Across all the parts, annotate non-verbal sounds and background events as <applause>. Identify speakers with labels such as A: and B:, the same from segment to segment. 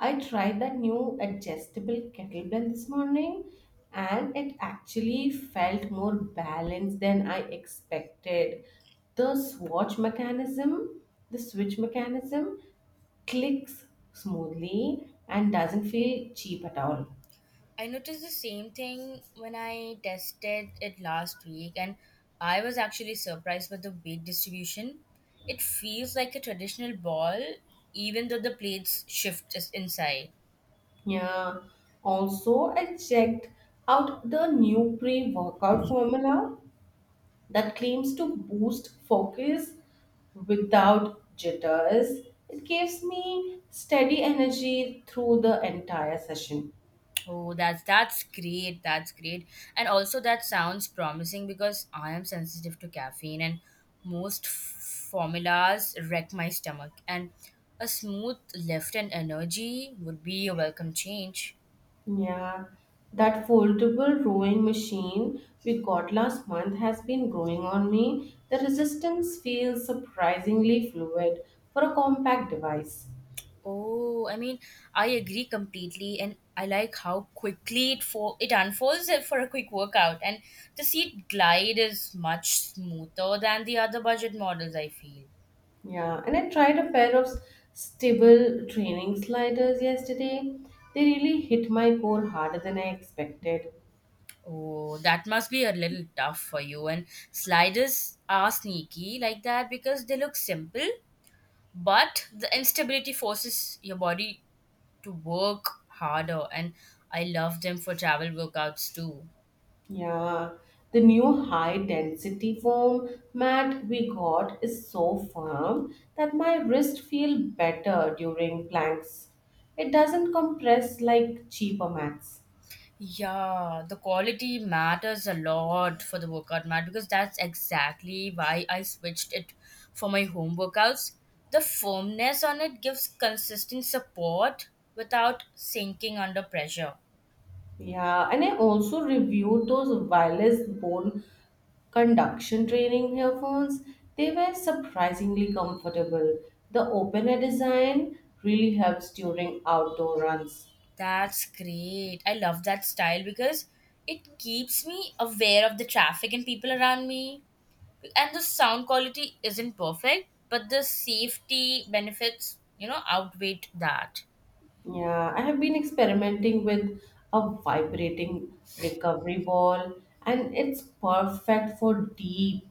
A: I tried that new adjustable kettlebell this morning, and it actually felt more balanced than I expected. The swatch mechanism, the switch mechanism clicks smoothly and doesn't feel cheap at all.
B: I noticed the same thing when I tested it last week, and I was actually surprised by the weight distribution. It feels like a traditional ball, even though the plates shift just inside.
A: Yeah. Also, I checked out the new pre workout formula that claims to boost focus without jitters. It gives me steady energy through the entire session.
B: Oh, that's great. That's great, and also that sounds promising because I am sensitive to caffeine, and most formulas wreck my stomach. And a smooth lift and energy would be a welcome change.
A: Yeah, that foldable rowing machine we got last month has been growing on me. The resistance feels surprisingly fluid for a compact device.
B: Oh, I mean, I agree completely, and I like how quickly it unfolds for a quick workout, and the seat glide is much smoother than the other budget models, I feel.
A: Yeah, and I tried a pair of stable training sliders yesterday. They really hit my core harder than I expected.
B: Oh, that must be a little tough for you. And sliders are sneaky like that because they look simple, but the instability forces your body to work harder. And I love them for travel workouts too.
A: Yeah, the new high density foam mat we got is so firm that my wrist feel better during planks. It doesn't compress like cheaper mats.
B: Yeah, the quality matters a lot for the workout mat because that's exactly why I switched it for my home workouts. The firmness on it gives consistent support without sinking under pressure.
A: Yeah, and I also reviewed those wireless bone conduction training earphones. They were surprisingly comfortable. The open air design really helps during outdoor runs.
B: That's great. I love that style because it keeps me aware of the traffic and people around me. And the sound quality isn't perfect, but the safety benefits, you know, outweigh that.
A: Yeah, I have been experimenting with a vibrating recovery ball, and it's perfect for deep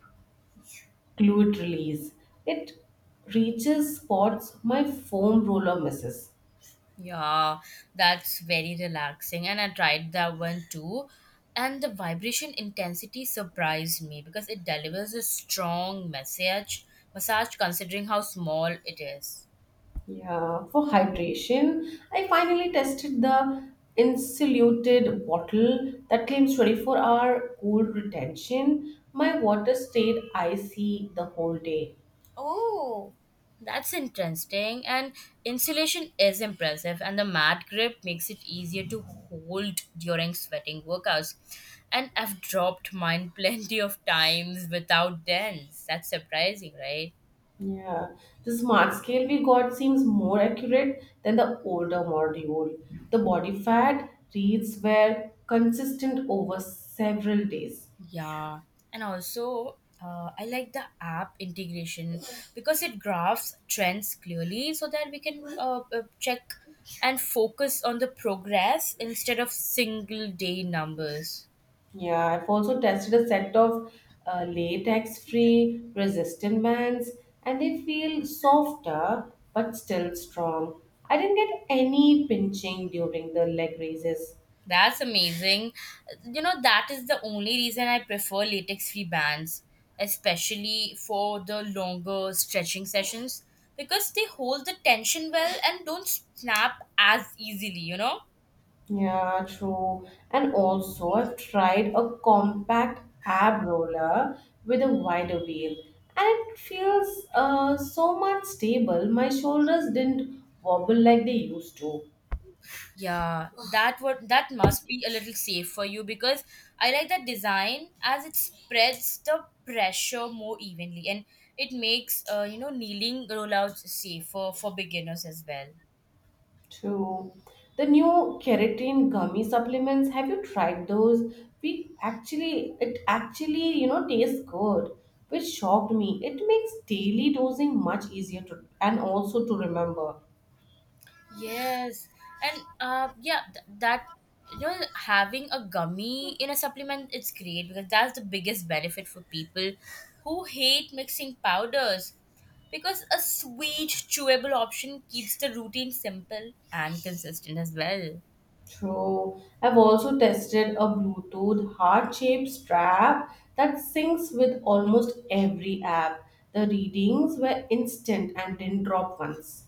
A: fluid release. It reaches spots my foam roller misses.
B: Yeah, that's very relaxing. And I tried that one too. And the vibration intensity surprised me because it delivers a strong message, massage considering how small it is.
A: Yeah, for hydration, I finally tested the insulated bottle that claims 24-hour cool retention. My water stayed icy the whole day.
B: Oh, that's interesting. And insulation is impressive, and the mat grip makes it easier to hold during sweating workouts. And I've dropped mine <laughs> plenty of times without dents. That's surprising, right?
A: Yeah, the smart scale we got seems more accurate than the older module. The body fat reads were consistent over several days.
B: Yeah, and also I like the app integration because it graphs trends clearly so that we can check and focus on the progress instead of single day numbers.
A: Yeah, I've also tested a set of latex free resistant bands, and they feel softer but still strong. I didn't get any pinching during the leg raises.
B: That's amazing. You know, that is the only reason I prefer latex free bands, especially for the longer stretching sessions because they hold the tension well and don't snap as easily, you know?
A: Yeah, true. And also, I've tried a compact ab roller with a wider wheel, and it feels so much stable. My shoulders didn't wobble like they used to.
B: Yeah, that must be a little safe for you because I like that design as it spreads the pressure more evenly and it makes, you know, kneeling rollouts safer for beginners as well.
A: True. The new keratin gummy supplements, have you tried those? It actually, you know, tastes good, which shocked me. It makes daily dosing much easier to, and also to remember.
B: Yes, and yeah, that, you know, having a gummy in a supplement, it's great because that's the biggest benefit for people who hate mixing powders. Because a sweet, chewable option keeps the routine simple and consistent as well.
A: True. I've also tested a Bluetooth heart-shaped strap that syncs with almost every app. The readings were instant and didn't drop once.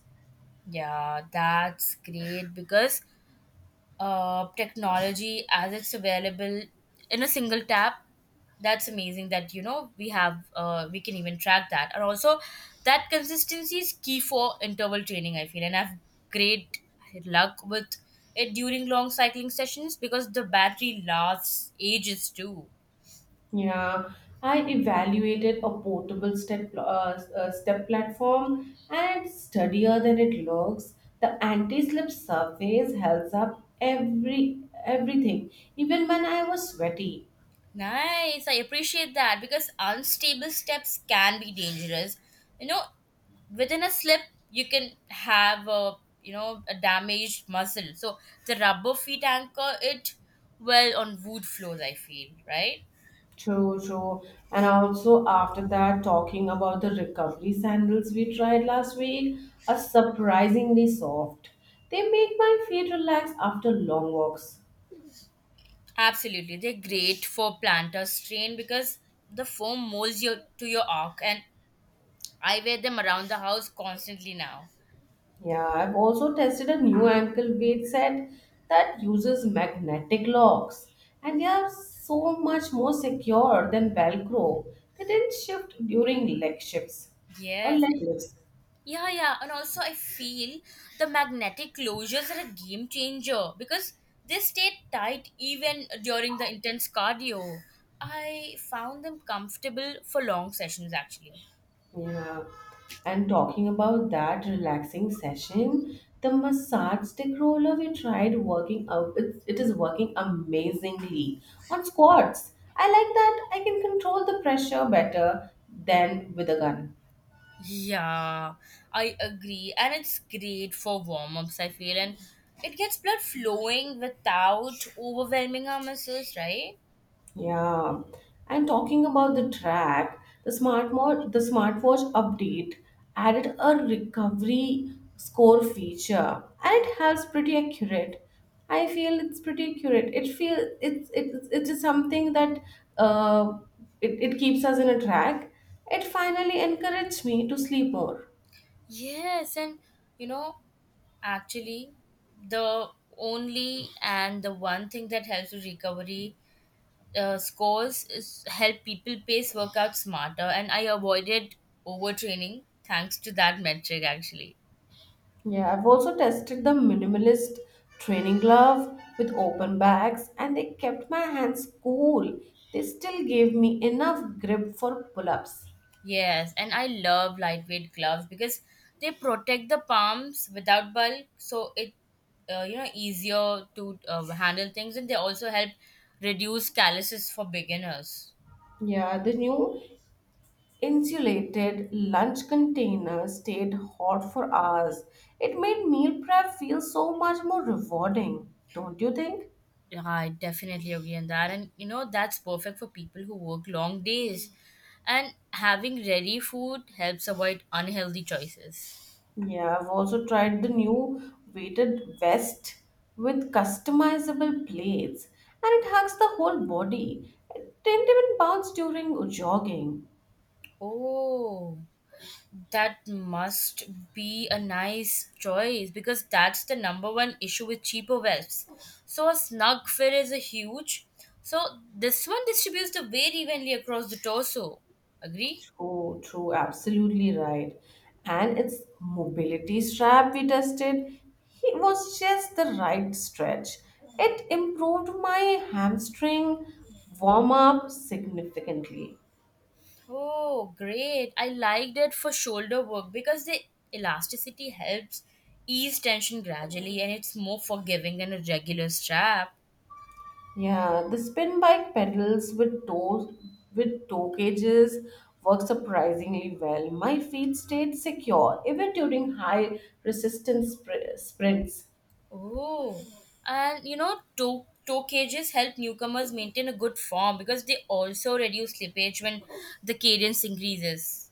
B: Yeah, that's great because, technology as it's available in a single tap, that's amazing that you know we have, we can even track that. And also that consistency is key for interval training, I feel. And I've great luck with it during long cycling sessions because the battery lasts ages too.
A: Yeah, I evaluated a portable step platform, and sturdier than it looks. The anti-slip surface helps up everything, even when I was sweaty.
B: Nice. I appreciate that because unstable steps can be dangerous. You know, within a slip, you can have a, you know, a damaged muscle. So the rubber feet anchor it well on wood floors, I feel, right?
A: True, true. And also, after that, talking about the recovery sandals we tried last week are surprisingly soft. They make my feet relax after long walks.
B: Absolutely, they're great for plantar strain because the foam molds your to your arc, and I wear them around the house constantly now.
A: Yeah, I've also tested a new ankle weight set that uses magnetic locks, and they are so much more secure than Velcro. They didn't shift during leg shifts or
B: Yes.
A: leg lifts.
B: Yeah, yeah. And also, I feel the magnetic closures are a game changer because they stay tight even during the intense cardio. I found them comfortable for long sessions actually.
A: Yeah. And talking about that relaxing session, the massage stick roller we tried working out, it is working amazingly on squats. I like that I can control the pressure better than with a gun.
B: Yeah, I agree. And it's great for warm ups, I feel. And it gets blood flowing without overwhelming our muscles, right?
A: Yeah, and talking about the track, the smart mo- the smartwatch update added a recovery score feature, and it's pretty accurate. It's just something that uh it keeps us in a track. It finally encouraged me to sleep more.
B: Yes. And, you know, actually, the only and the one thing that helps with recovery scores is help people pace workouts smarter, and I avoided overtraining thanks to that metric actually.
A: Yeah, I've also tested the minimalist training glove with open bags, and they kept my hands cool. They still gave me enough grip for pull ups.
B: Yes, and I love lightweight gloves because they protect the palms without bulk, so it you know easier to handle things, and they also help reduce calluses for beginners.
A: Yeah, the new insulated lunch container stayed hot for hours. It made meal prep feel so much more rewarding, don't you think?
B: Yeah, I definitely agree on that. And you know that's perfect for people who work long days, and having ready food helps avoid unhealthy choices.
A: Yeah, I've also tried the new weighted vest with customizable plates, and it hugs the whole body. It didn't even bounce during jogging.
B: Oh, that must be a nice choice because that's the number one issue with cheaper webs. So a snug fit is a huge. So this one distributes the weight evenly across the torso. Agree?
A: True, true, absolutely right. And its mobility strap we tested, it was just the right stretch. It improved my hamstring warm up significantly.
B: Oh, great. I liked it for shoulder work because the elasticity helps ease tension gradually, and it's more forgiving than a regular strap.
A: Yeah, the spin bike pedals with toe cages work surprisingly well. My feet stayed secure even during high resistance sprints.
B: Oh, and you know, toe cages help newcomers maintain a good form because they also reduce slippage when the cadence increases.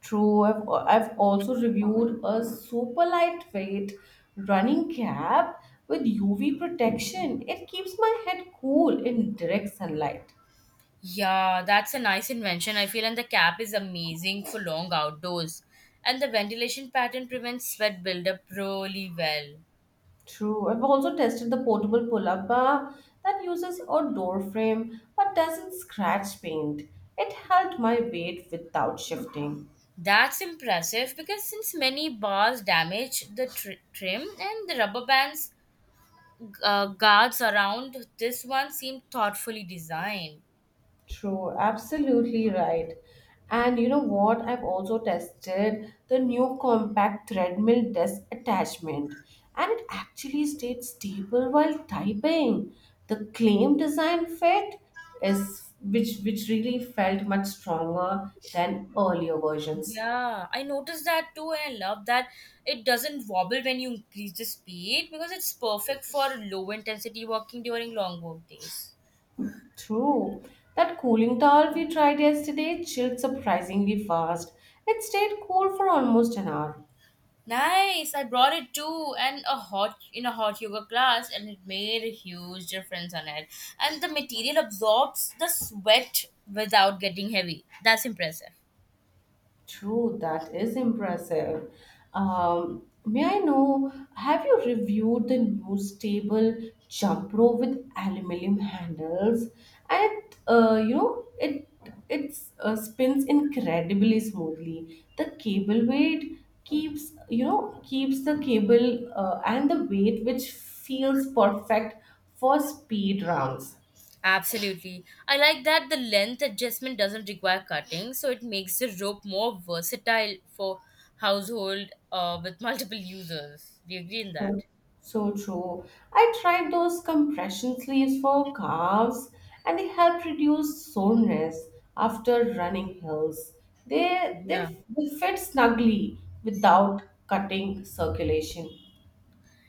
A: True, I've also reviewed a super lightweight running cap with UV protection. It keeps my head cool in direct sunlight.
B: Yeah, that's a nice invention, I feel, and the cap is amazing for long outdoors. And the ventilation pattern prevents sweat buildup really well.
A: True. I've also tested the portable pull-up bar that uses a door frame but doesn't scratch paint. It held my weight without shifting.
B: That's impressive because since many bars damage the trim, and the rubber bands guards around this one seem thoughtfully designed.
A: True, absolutely right. And you know what? I've also tested the new compact treadmill desk attachment, and it actually stayed stable while typing. The claim design fit is which really felt much stronger than earlier versions.
B: Yeah, I noticed that too, and I love that it doesn't wobble when you increase the speed because it's perfect for low intensity walking during long work days.
A: True. That cooling towel we tried yesterday chilled surprisingly fast. It stayed cool for almost an hour.
B: Nice, I brought it too, and a hot in a hot yoga class, and it made a huge difference on it. And the material absorbs the sweat without getting heavy. That's impressive.
A: True, that is impressive. May I know, have you reviewed the new stable jump rope with aluminum handles? And it, you know, it spins incredibly smoothly. The cable weight keeps, you know, keeps the cable and the weight, which feels perfect for speed rounds.
B: Absolutely. I like that the length adjustment doesn't require cutting, so it makes the rope more versatile for household, with multiple users. Do you agree in that?
A: So, so true. I tried those compression sleeves for calves, and they help reduce soreness after running hills. They,
B: Yeah.
A: they, they fit snugly without cutting circulation.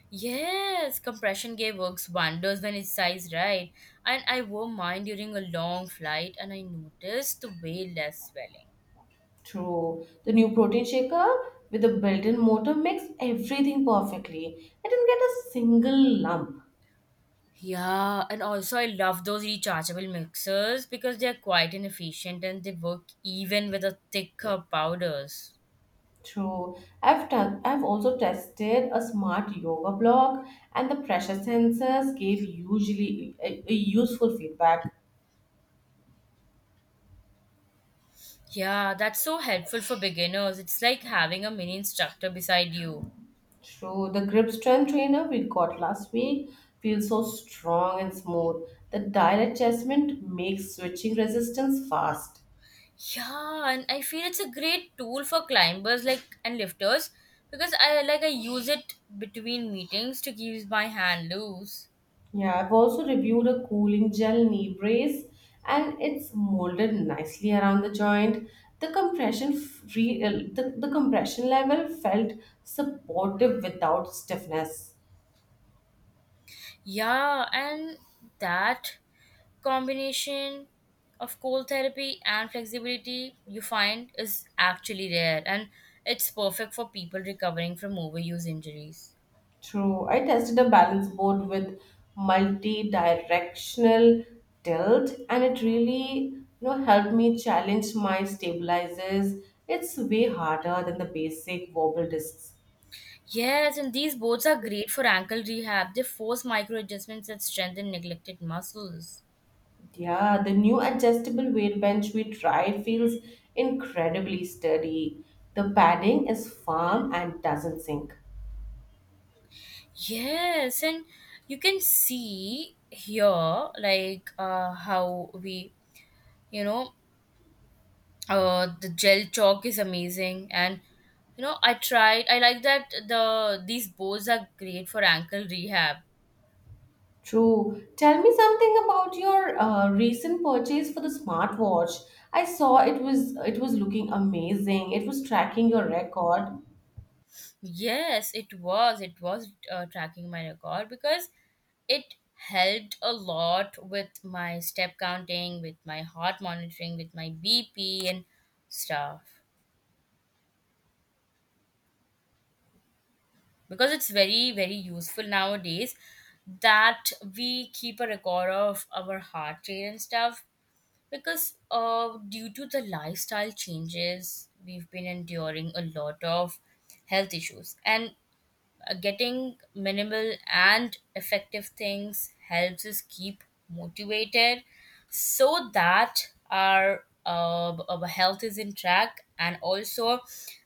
B: Yes, compression gear works wonders when it's sized right. And I wore mine during a long flight, and I noticed way less swelling.
A: True. The new protein shaker with the built in motor makes everything perfectly. I didn't get a single lump.
B: Yeah, and also I love those rechargeable mixers because they're quite inefficient and they work even with the thicker powders.
A: True. I've also tested a smart yoga block, and the pressure sensors gave usually a useful feedback.
B: Yeah, that's so helpful for beginners. It's like having a mini instructor beside you.
A: True. The grip strength trainer we got last week feels so strong and smooth. The dial adjustment makes switching resistance fast.
B: Yeah, and I feel it's a great tool for climbers like and lifters because I like I use it between meetings to keep my hand loose.
A: Yeah, I've also reviewed a cooling gel knee brace, and it's molded nicely around the joint. The compression level felt supportive without stiffness.
B: Yeah, and that combination of cold therapy and flexibility you find is actually rare, and it's perfect for people recovering from overuse injuries.
A: True. I tested a balance board with multi-directional tilt, and it really, you know, helped me challenge my stabilizers. It's way harder than the basic wobble discs.
B: Yes, and these boards are great for ankle rehab. They force micro adjustments that strengthen neglected muscles.
A: Yeah, the new adjustable weight bench we tried feels incredibly sturdy. The padding is firm and doesn't sink.
B: Yes, and you can see here like, how we, you know, the gel chalk is amazing, and you know I tried. I like that the these boards are great for ankle rehab.
A: True. Tell me something about your recent purchase for the smartwatch. I saw it was looking amazing. It was tracking your record.
B: Yes, it was. It was tracking my record because it helped a lot with my step counting, with my heart monitoring, with my BP and stuff. Because it's very, very useful nowadays that we keep a record of our heart rate and stuff. Because due to the lifestyle changes, we've been enduring a lot of health issues. And getting minimal and effective things helps us keep motivated so that our our health is in track. And also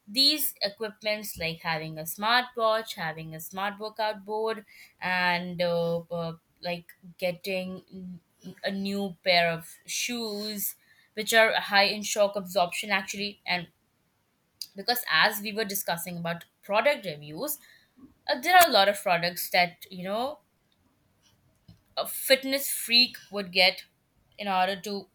B: these equipments like having a smartwatch, having a smart workout board, and like getting a new pair of shoes which are high in shock absorption actually. And because as we were discussing about product reviews, there are a lot of products that you know a fitness freak would get in order to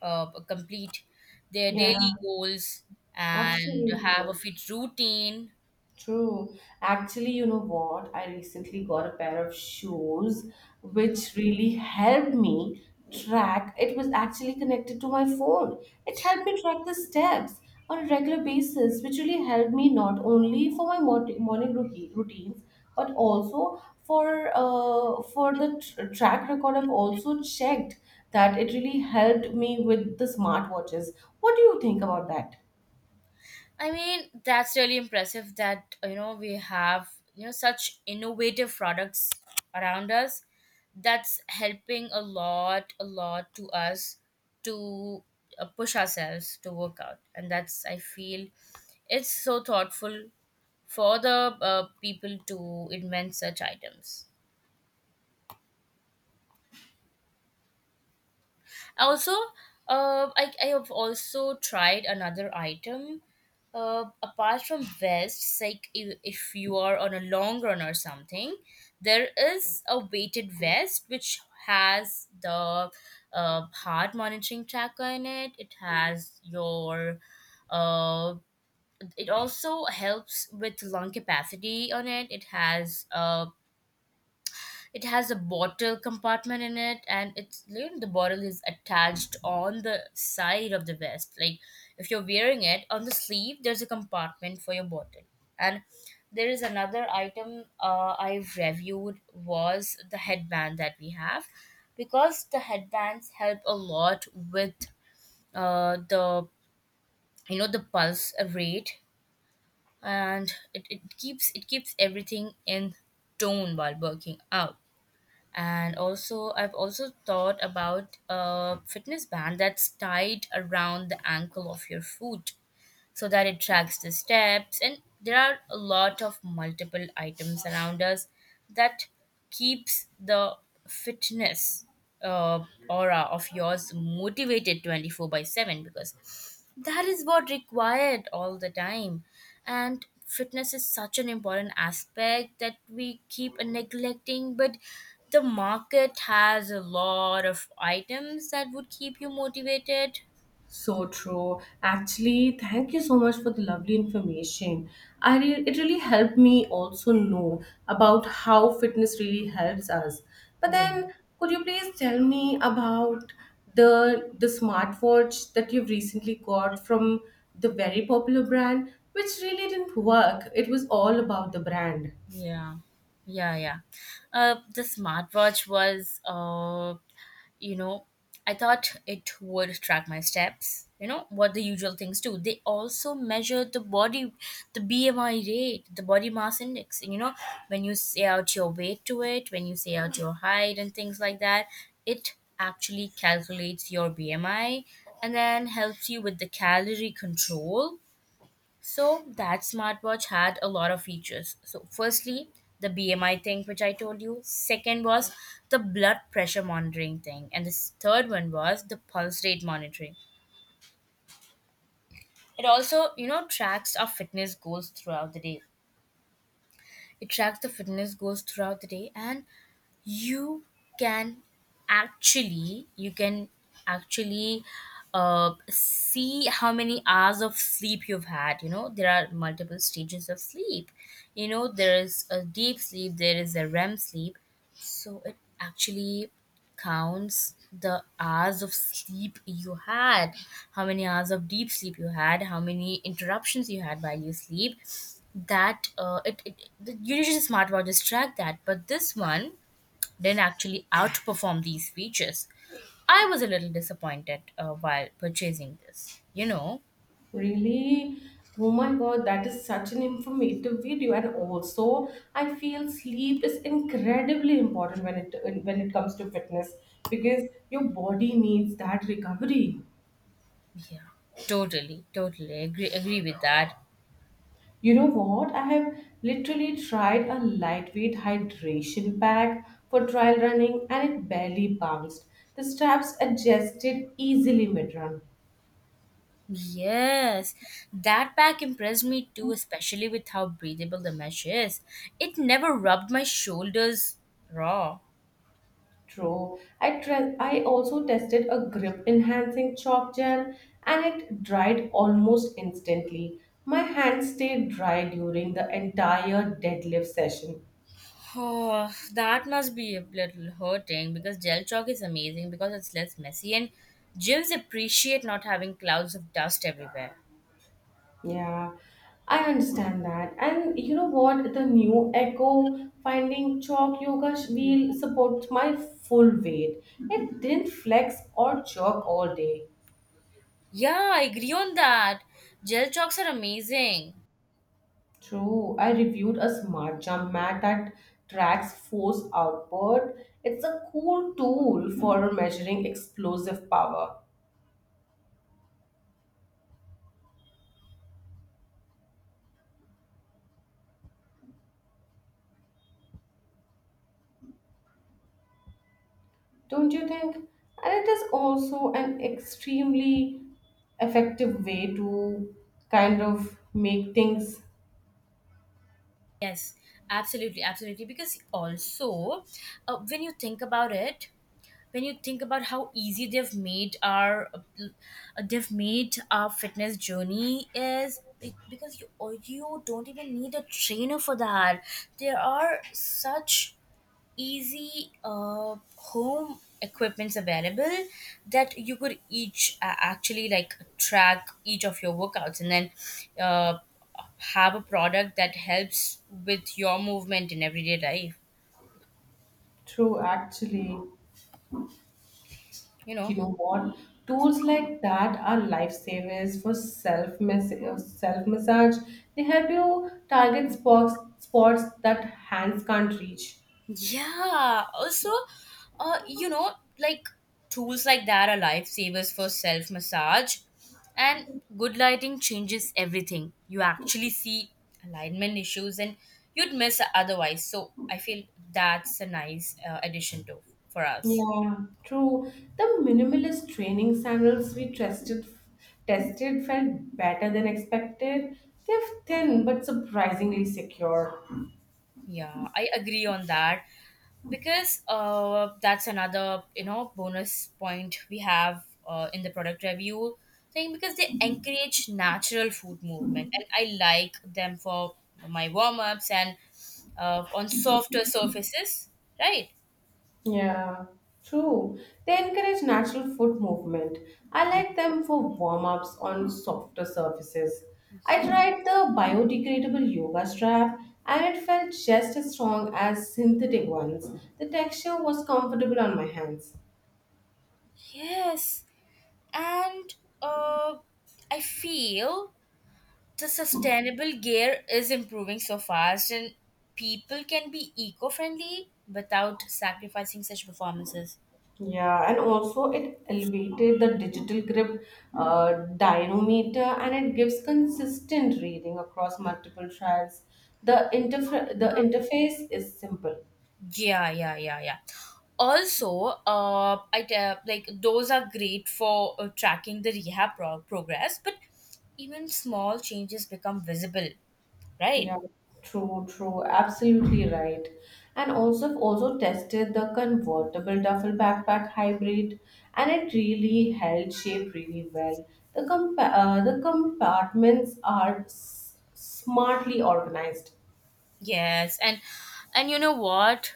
B: complete their
A: Yeah,
B: daily goals and
A: absolutely.
B: have a fit routine.
A: True. Actually, you know what? I recently got a pair of shoes which really helped me track. It was actually connected to my phone. It helped me track the steps on a regular basis, which really helped me not only for my morning routines, but also for for the track record. I've also checked that it really helped me with the smartwatches. What do you think about that?
B: I mean, that's really impressive that you know we have you know such innovative products around us. That's helping a lot to us to push ourselves to work out, and that's I feel it's so thoughtful for the people to invent such items. Also, I have also tried another item. Apart from vests, like, if you are on a long run or something, there is a weighted vest which has the heart monitoring tracker in it. It has your, uh, it also helps with lung capacity on it. It has a bottle compartment in it, and it's, you know, the bottle is attached on the side of the vest. Like if you're wearing it on the sleeve, there's a compartment for your bottle. And there is another item I reviewed was the headband that we have, because the headbands help a lot with, the, you know, the pulse rate, and it keeps everything in tone while working out. And also I've also thought about a fitness band that's tied around the ankle of your foot so that it tracks the steps, and there are a lot of multiple items around us that keeps the fitness uh, aura of yours motivated 24 by 7 because that is what required all the time. And fitness is such an important aspect that we keep neglecting, but the market has a lot of items that would keep you motivated.
A: So true. Actually, thank you so much for the lovely information. It really helped me also know about how fitness really helps us. But
B: Yeah.
A: then, could you please tell me about the smartwatch that you've recently got from the very popular brand, which really didn't work? It was all about the brand.
B: Yeah, yeah, yeah. The smartwatch was, you know, I thought it would track my steps. You know what the usual things do. They also measure the body, the BMI rate, the body mass index. And you know, when you say out your weight to it, when you say out your height and things like that, it actually calculates your BMI and then helps you with the calorie control so that smartwatch had a lot of features. So firstly, the BMI thing which I told you. Second was the blood pressure monitoring thing, and the third one was the pulse rate monitoring. It also, you know, tracks our fitness goals throughout the day. It tracks the fitness goals throughout the day, and you can you can actually see how many hours of sleep you've had. You know there are multiple stages of sleep, you know there is a deep sleep, there is a REM sleep, so it actually counts the hours of sleep you had, how many hours of deep sleep you had, how many interruptions you had while you sleep. That it, it the- Usually smartwatches track that, but this one didn't actually outperform these features. I was a little disappointed while purchasing this. You know,
A: Really? Oh my god, that is such an informative video. And also, I feel sleep is incredibly important when it comes to fitness, because your body needs that recovery.
B: yeah, totally, totally agree with that.
A: You know what? I have literally tried a lightweight hydration pack for trial running, and it barely bounced. The straps adjusted easily mid run.
B: Yes, that pack impressed me too, especially with how breathable the mesh is. It never rubbed my shoulders raw.
A: True. I also tested a grip enhancing chalk gel, and it dried almost instantly. My hands stayed dry during the entire deadlift session.
B: Oh, that must be a little hurting because gel chalk is amazing because it's less messy and gyms appreciate not having clouds of dust everywhere.
A: Yeah, I understand that. And you know what? The new Echo Finding Chalk Yoga wheel supports my full weight. It didn't flex or jerk all day.
B: Yeah, I agree on that. Gel chalks are amazing.
A: True. I reviewed a smart jump mat that tracks force output. It's a cool tool for measuring explosive power, don't you think? And it is also an extremely effective way to kind of make things
B: Yes, absolutely, absolutely. Because also, when you think about it, when you think about how easy they've made our fitness journey is because you or you don't even need a trainer for that. There are such easy home equipments available that you could each actually like track each of your workouts, and then uh, have a product that helps with your movement in everyday life,
A: true, actually.
B: you
A: You
B: know?
A: know what? Tools like that are lifesavers for self massage. They help you target spots that hands can't reach.
B: Yeah. Also, you know, like tools like that are lifesavers for self massage, and good lighting changes everything. You actually see alignment issues, and you'd miss otherwise. So I feel that's a nice addition to for us.
A: Yeah, true. The minimalist training sandals we tested felt better than expected. They're thin but surprisingly secure.
B: Yeah, I agree on that because that's another, you know, bonus point we have in the product review thing because they encourage natural food movement, and I like them for my warm ups and on softer surfaces, right?
A: Yeah, true. They encourage natural foot movement. I
B: Yeah.
A: like them for warm-ups on softer surfaces. I
B: Yeah.
A: tried the biodegradable yoga strap, and it felt just as strong as synthetic ones. The texture was comfortable on my hands.
B: Yes, and uh, I feel the sustainable gear is improving so fast, and people can be eco-friendly without sacrificing such performances.
A: Yeah, and also it elevated the digital grip dynamometer, and it gives consistent reading across multiple trials. The interface is simple.
B: Yeah, yeah, yeah, yeah. Also, like those are great for tracking the progress, but even small changes become visible, right?
A: Yeah, true, true, absolutely right. And also I've also tested the convertible duffel backpack hybrid, and it really held shape really well. The compartments are smartly organized.
B: Yes, and you know what,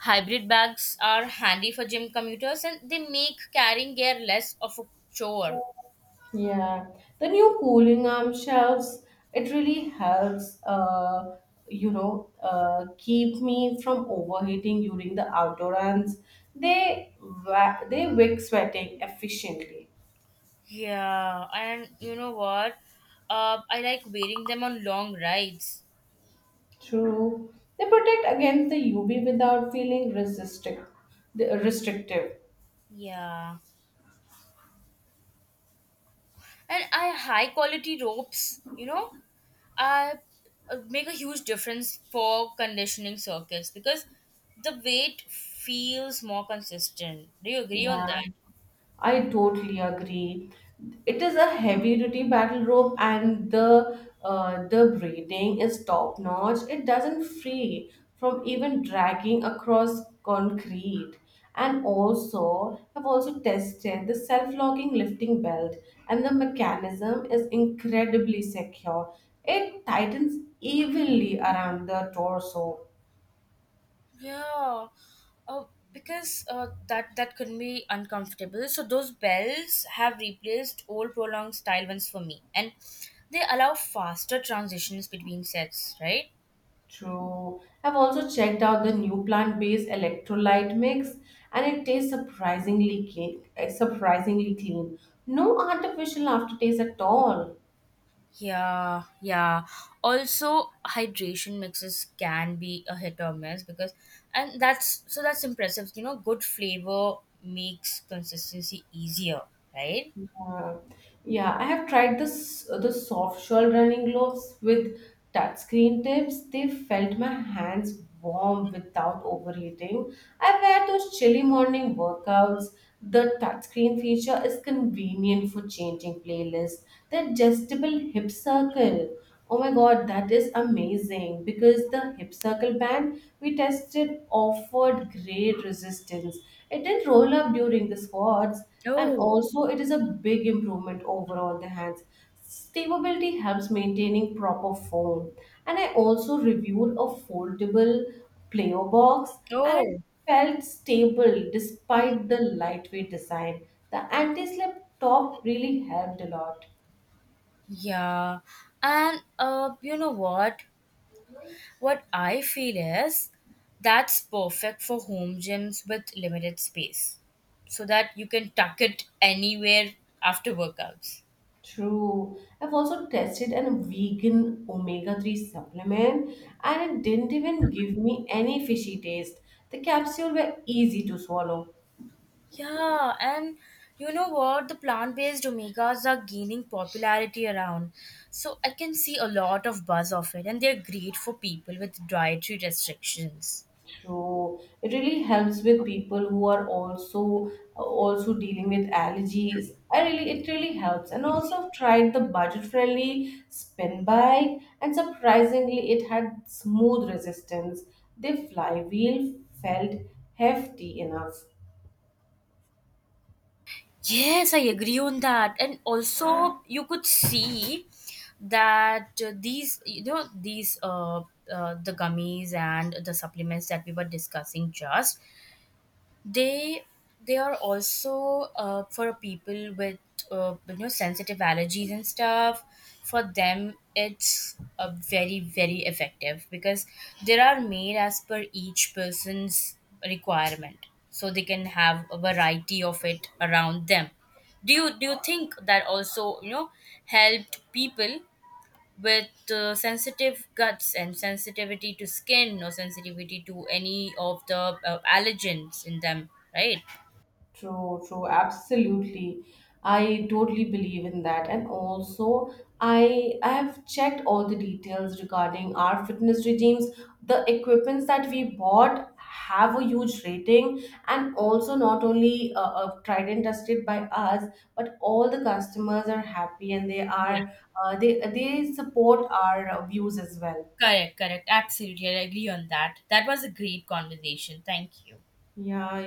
B: hybrid bags are handy for gym commuters, and they make carrying gear less of a chore.
A: Yeah, the new cooling arm shelves, it really helps, you know, keep me from overheating during the outdoor runs. They wick sweating efficiently.
B: Yeah, and you know what? I like wearing them on long rides.
A: True. They protect against the UV without feeling restrictive. Restrictive.
B: Yeah, and I high quality ropes. You know, I make a huge difference for conditioning circuits because the weight feels more consistent. Do you agree on
A: Yeah.
B: that?
A: I totally agree. It is a heavy duty battle rope, and the braiding is top notch. It doesn't free from even dragging across concrete. And also, I've also tested the self locking lifting belt, and the mechanism is incredibly secure. It tightens evenly around the torso.
B: Yeah, uh, because that can be uncomfortable. So those bells have replaced old prolonged style ones for me, and they allow faster transitions between sets. Right?
A: True. I've also checked out the new plant-based electrolyte mix, and it tastes surprisingly clean. No artificial aftertaste at all.
B: Yeah, yeah. Also, hydration mixes can be a hit or miss because, and that's so that's impressive. You know, good flavor makes consistency easier. Right?
A: Uh, yeah, I have tried this the soft shell running gloves with touchscreen tips. They felt my hands warm without overheating. I wear those chilly morning workouts. The touchscreen feature is convenient for changing playlists. The adjustable hip circle. Oh my god, that is amazing because the hip circle band we tested offered great resistance. It didn't roll up during the squats, and
B: Oh,
A: also it is a big improvement overall the hands. Stability helps maintaining proper form. And I also reviewed a foldable player box, and it
B: oh.
A: felt stable
B: Mm.
A: despite the lightweight design. The anti-slip top really helped a lot.
B: Yeah. And you know what? What I feel is that's perfect for home gyms with limited space so that you can tuck it anywhere after workouts.
A: True. I've also tested a vegan omega-3 supplement, and it didn't even give me any fishy taste. The capsules were easy to swallow.
B: Yeah, and you know what? The plant based omegas are gaining popularity around. So I can see a lot of buzz of it, and they're great for people with dietary restrictions.
A: True. It really helps with people who are also dealing with allergies. I really it really helps. And also I've tried the budget-friendly spin bike, and surprisingly it had smooth resistance. The flywheel felt hefty enough.
B: Yes, I agree on that. And also, you could see that these, you know, the gummies and the supplements that we were discussing just, they they are also for people with you know sensitive allergies and stuff. For them it's a very very effective because they are made as per each person's requirement, so they can have a variety of it around them. Do you think that also, you know, helped people with sensitive guts and sensitivity to skin or sensitivity to any of the allergens in them, right?
A: True, true, absolutely. I totally believe in that. And also, I have checked all the details regarding our fitness regimes. The equipments that we bought have a huge rating, and also not only tried and tested by us, but all the customers are happy, and they
B: Yeah,
A: are uh, they they support our views as well.
B: correct, correct. Absolutely. I agree on that. That was a great conversation. Thank you.
A: Yeah,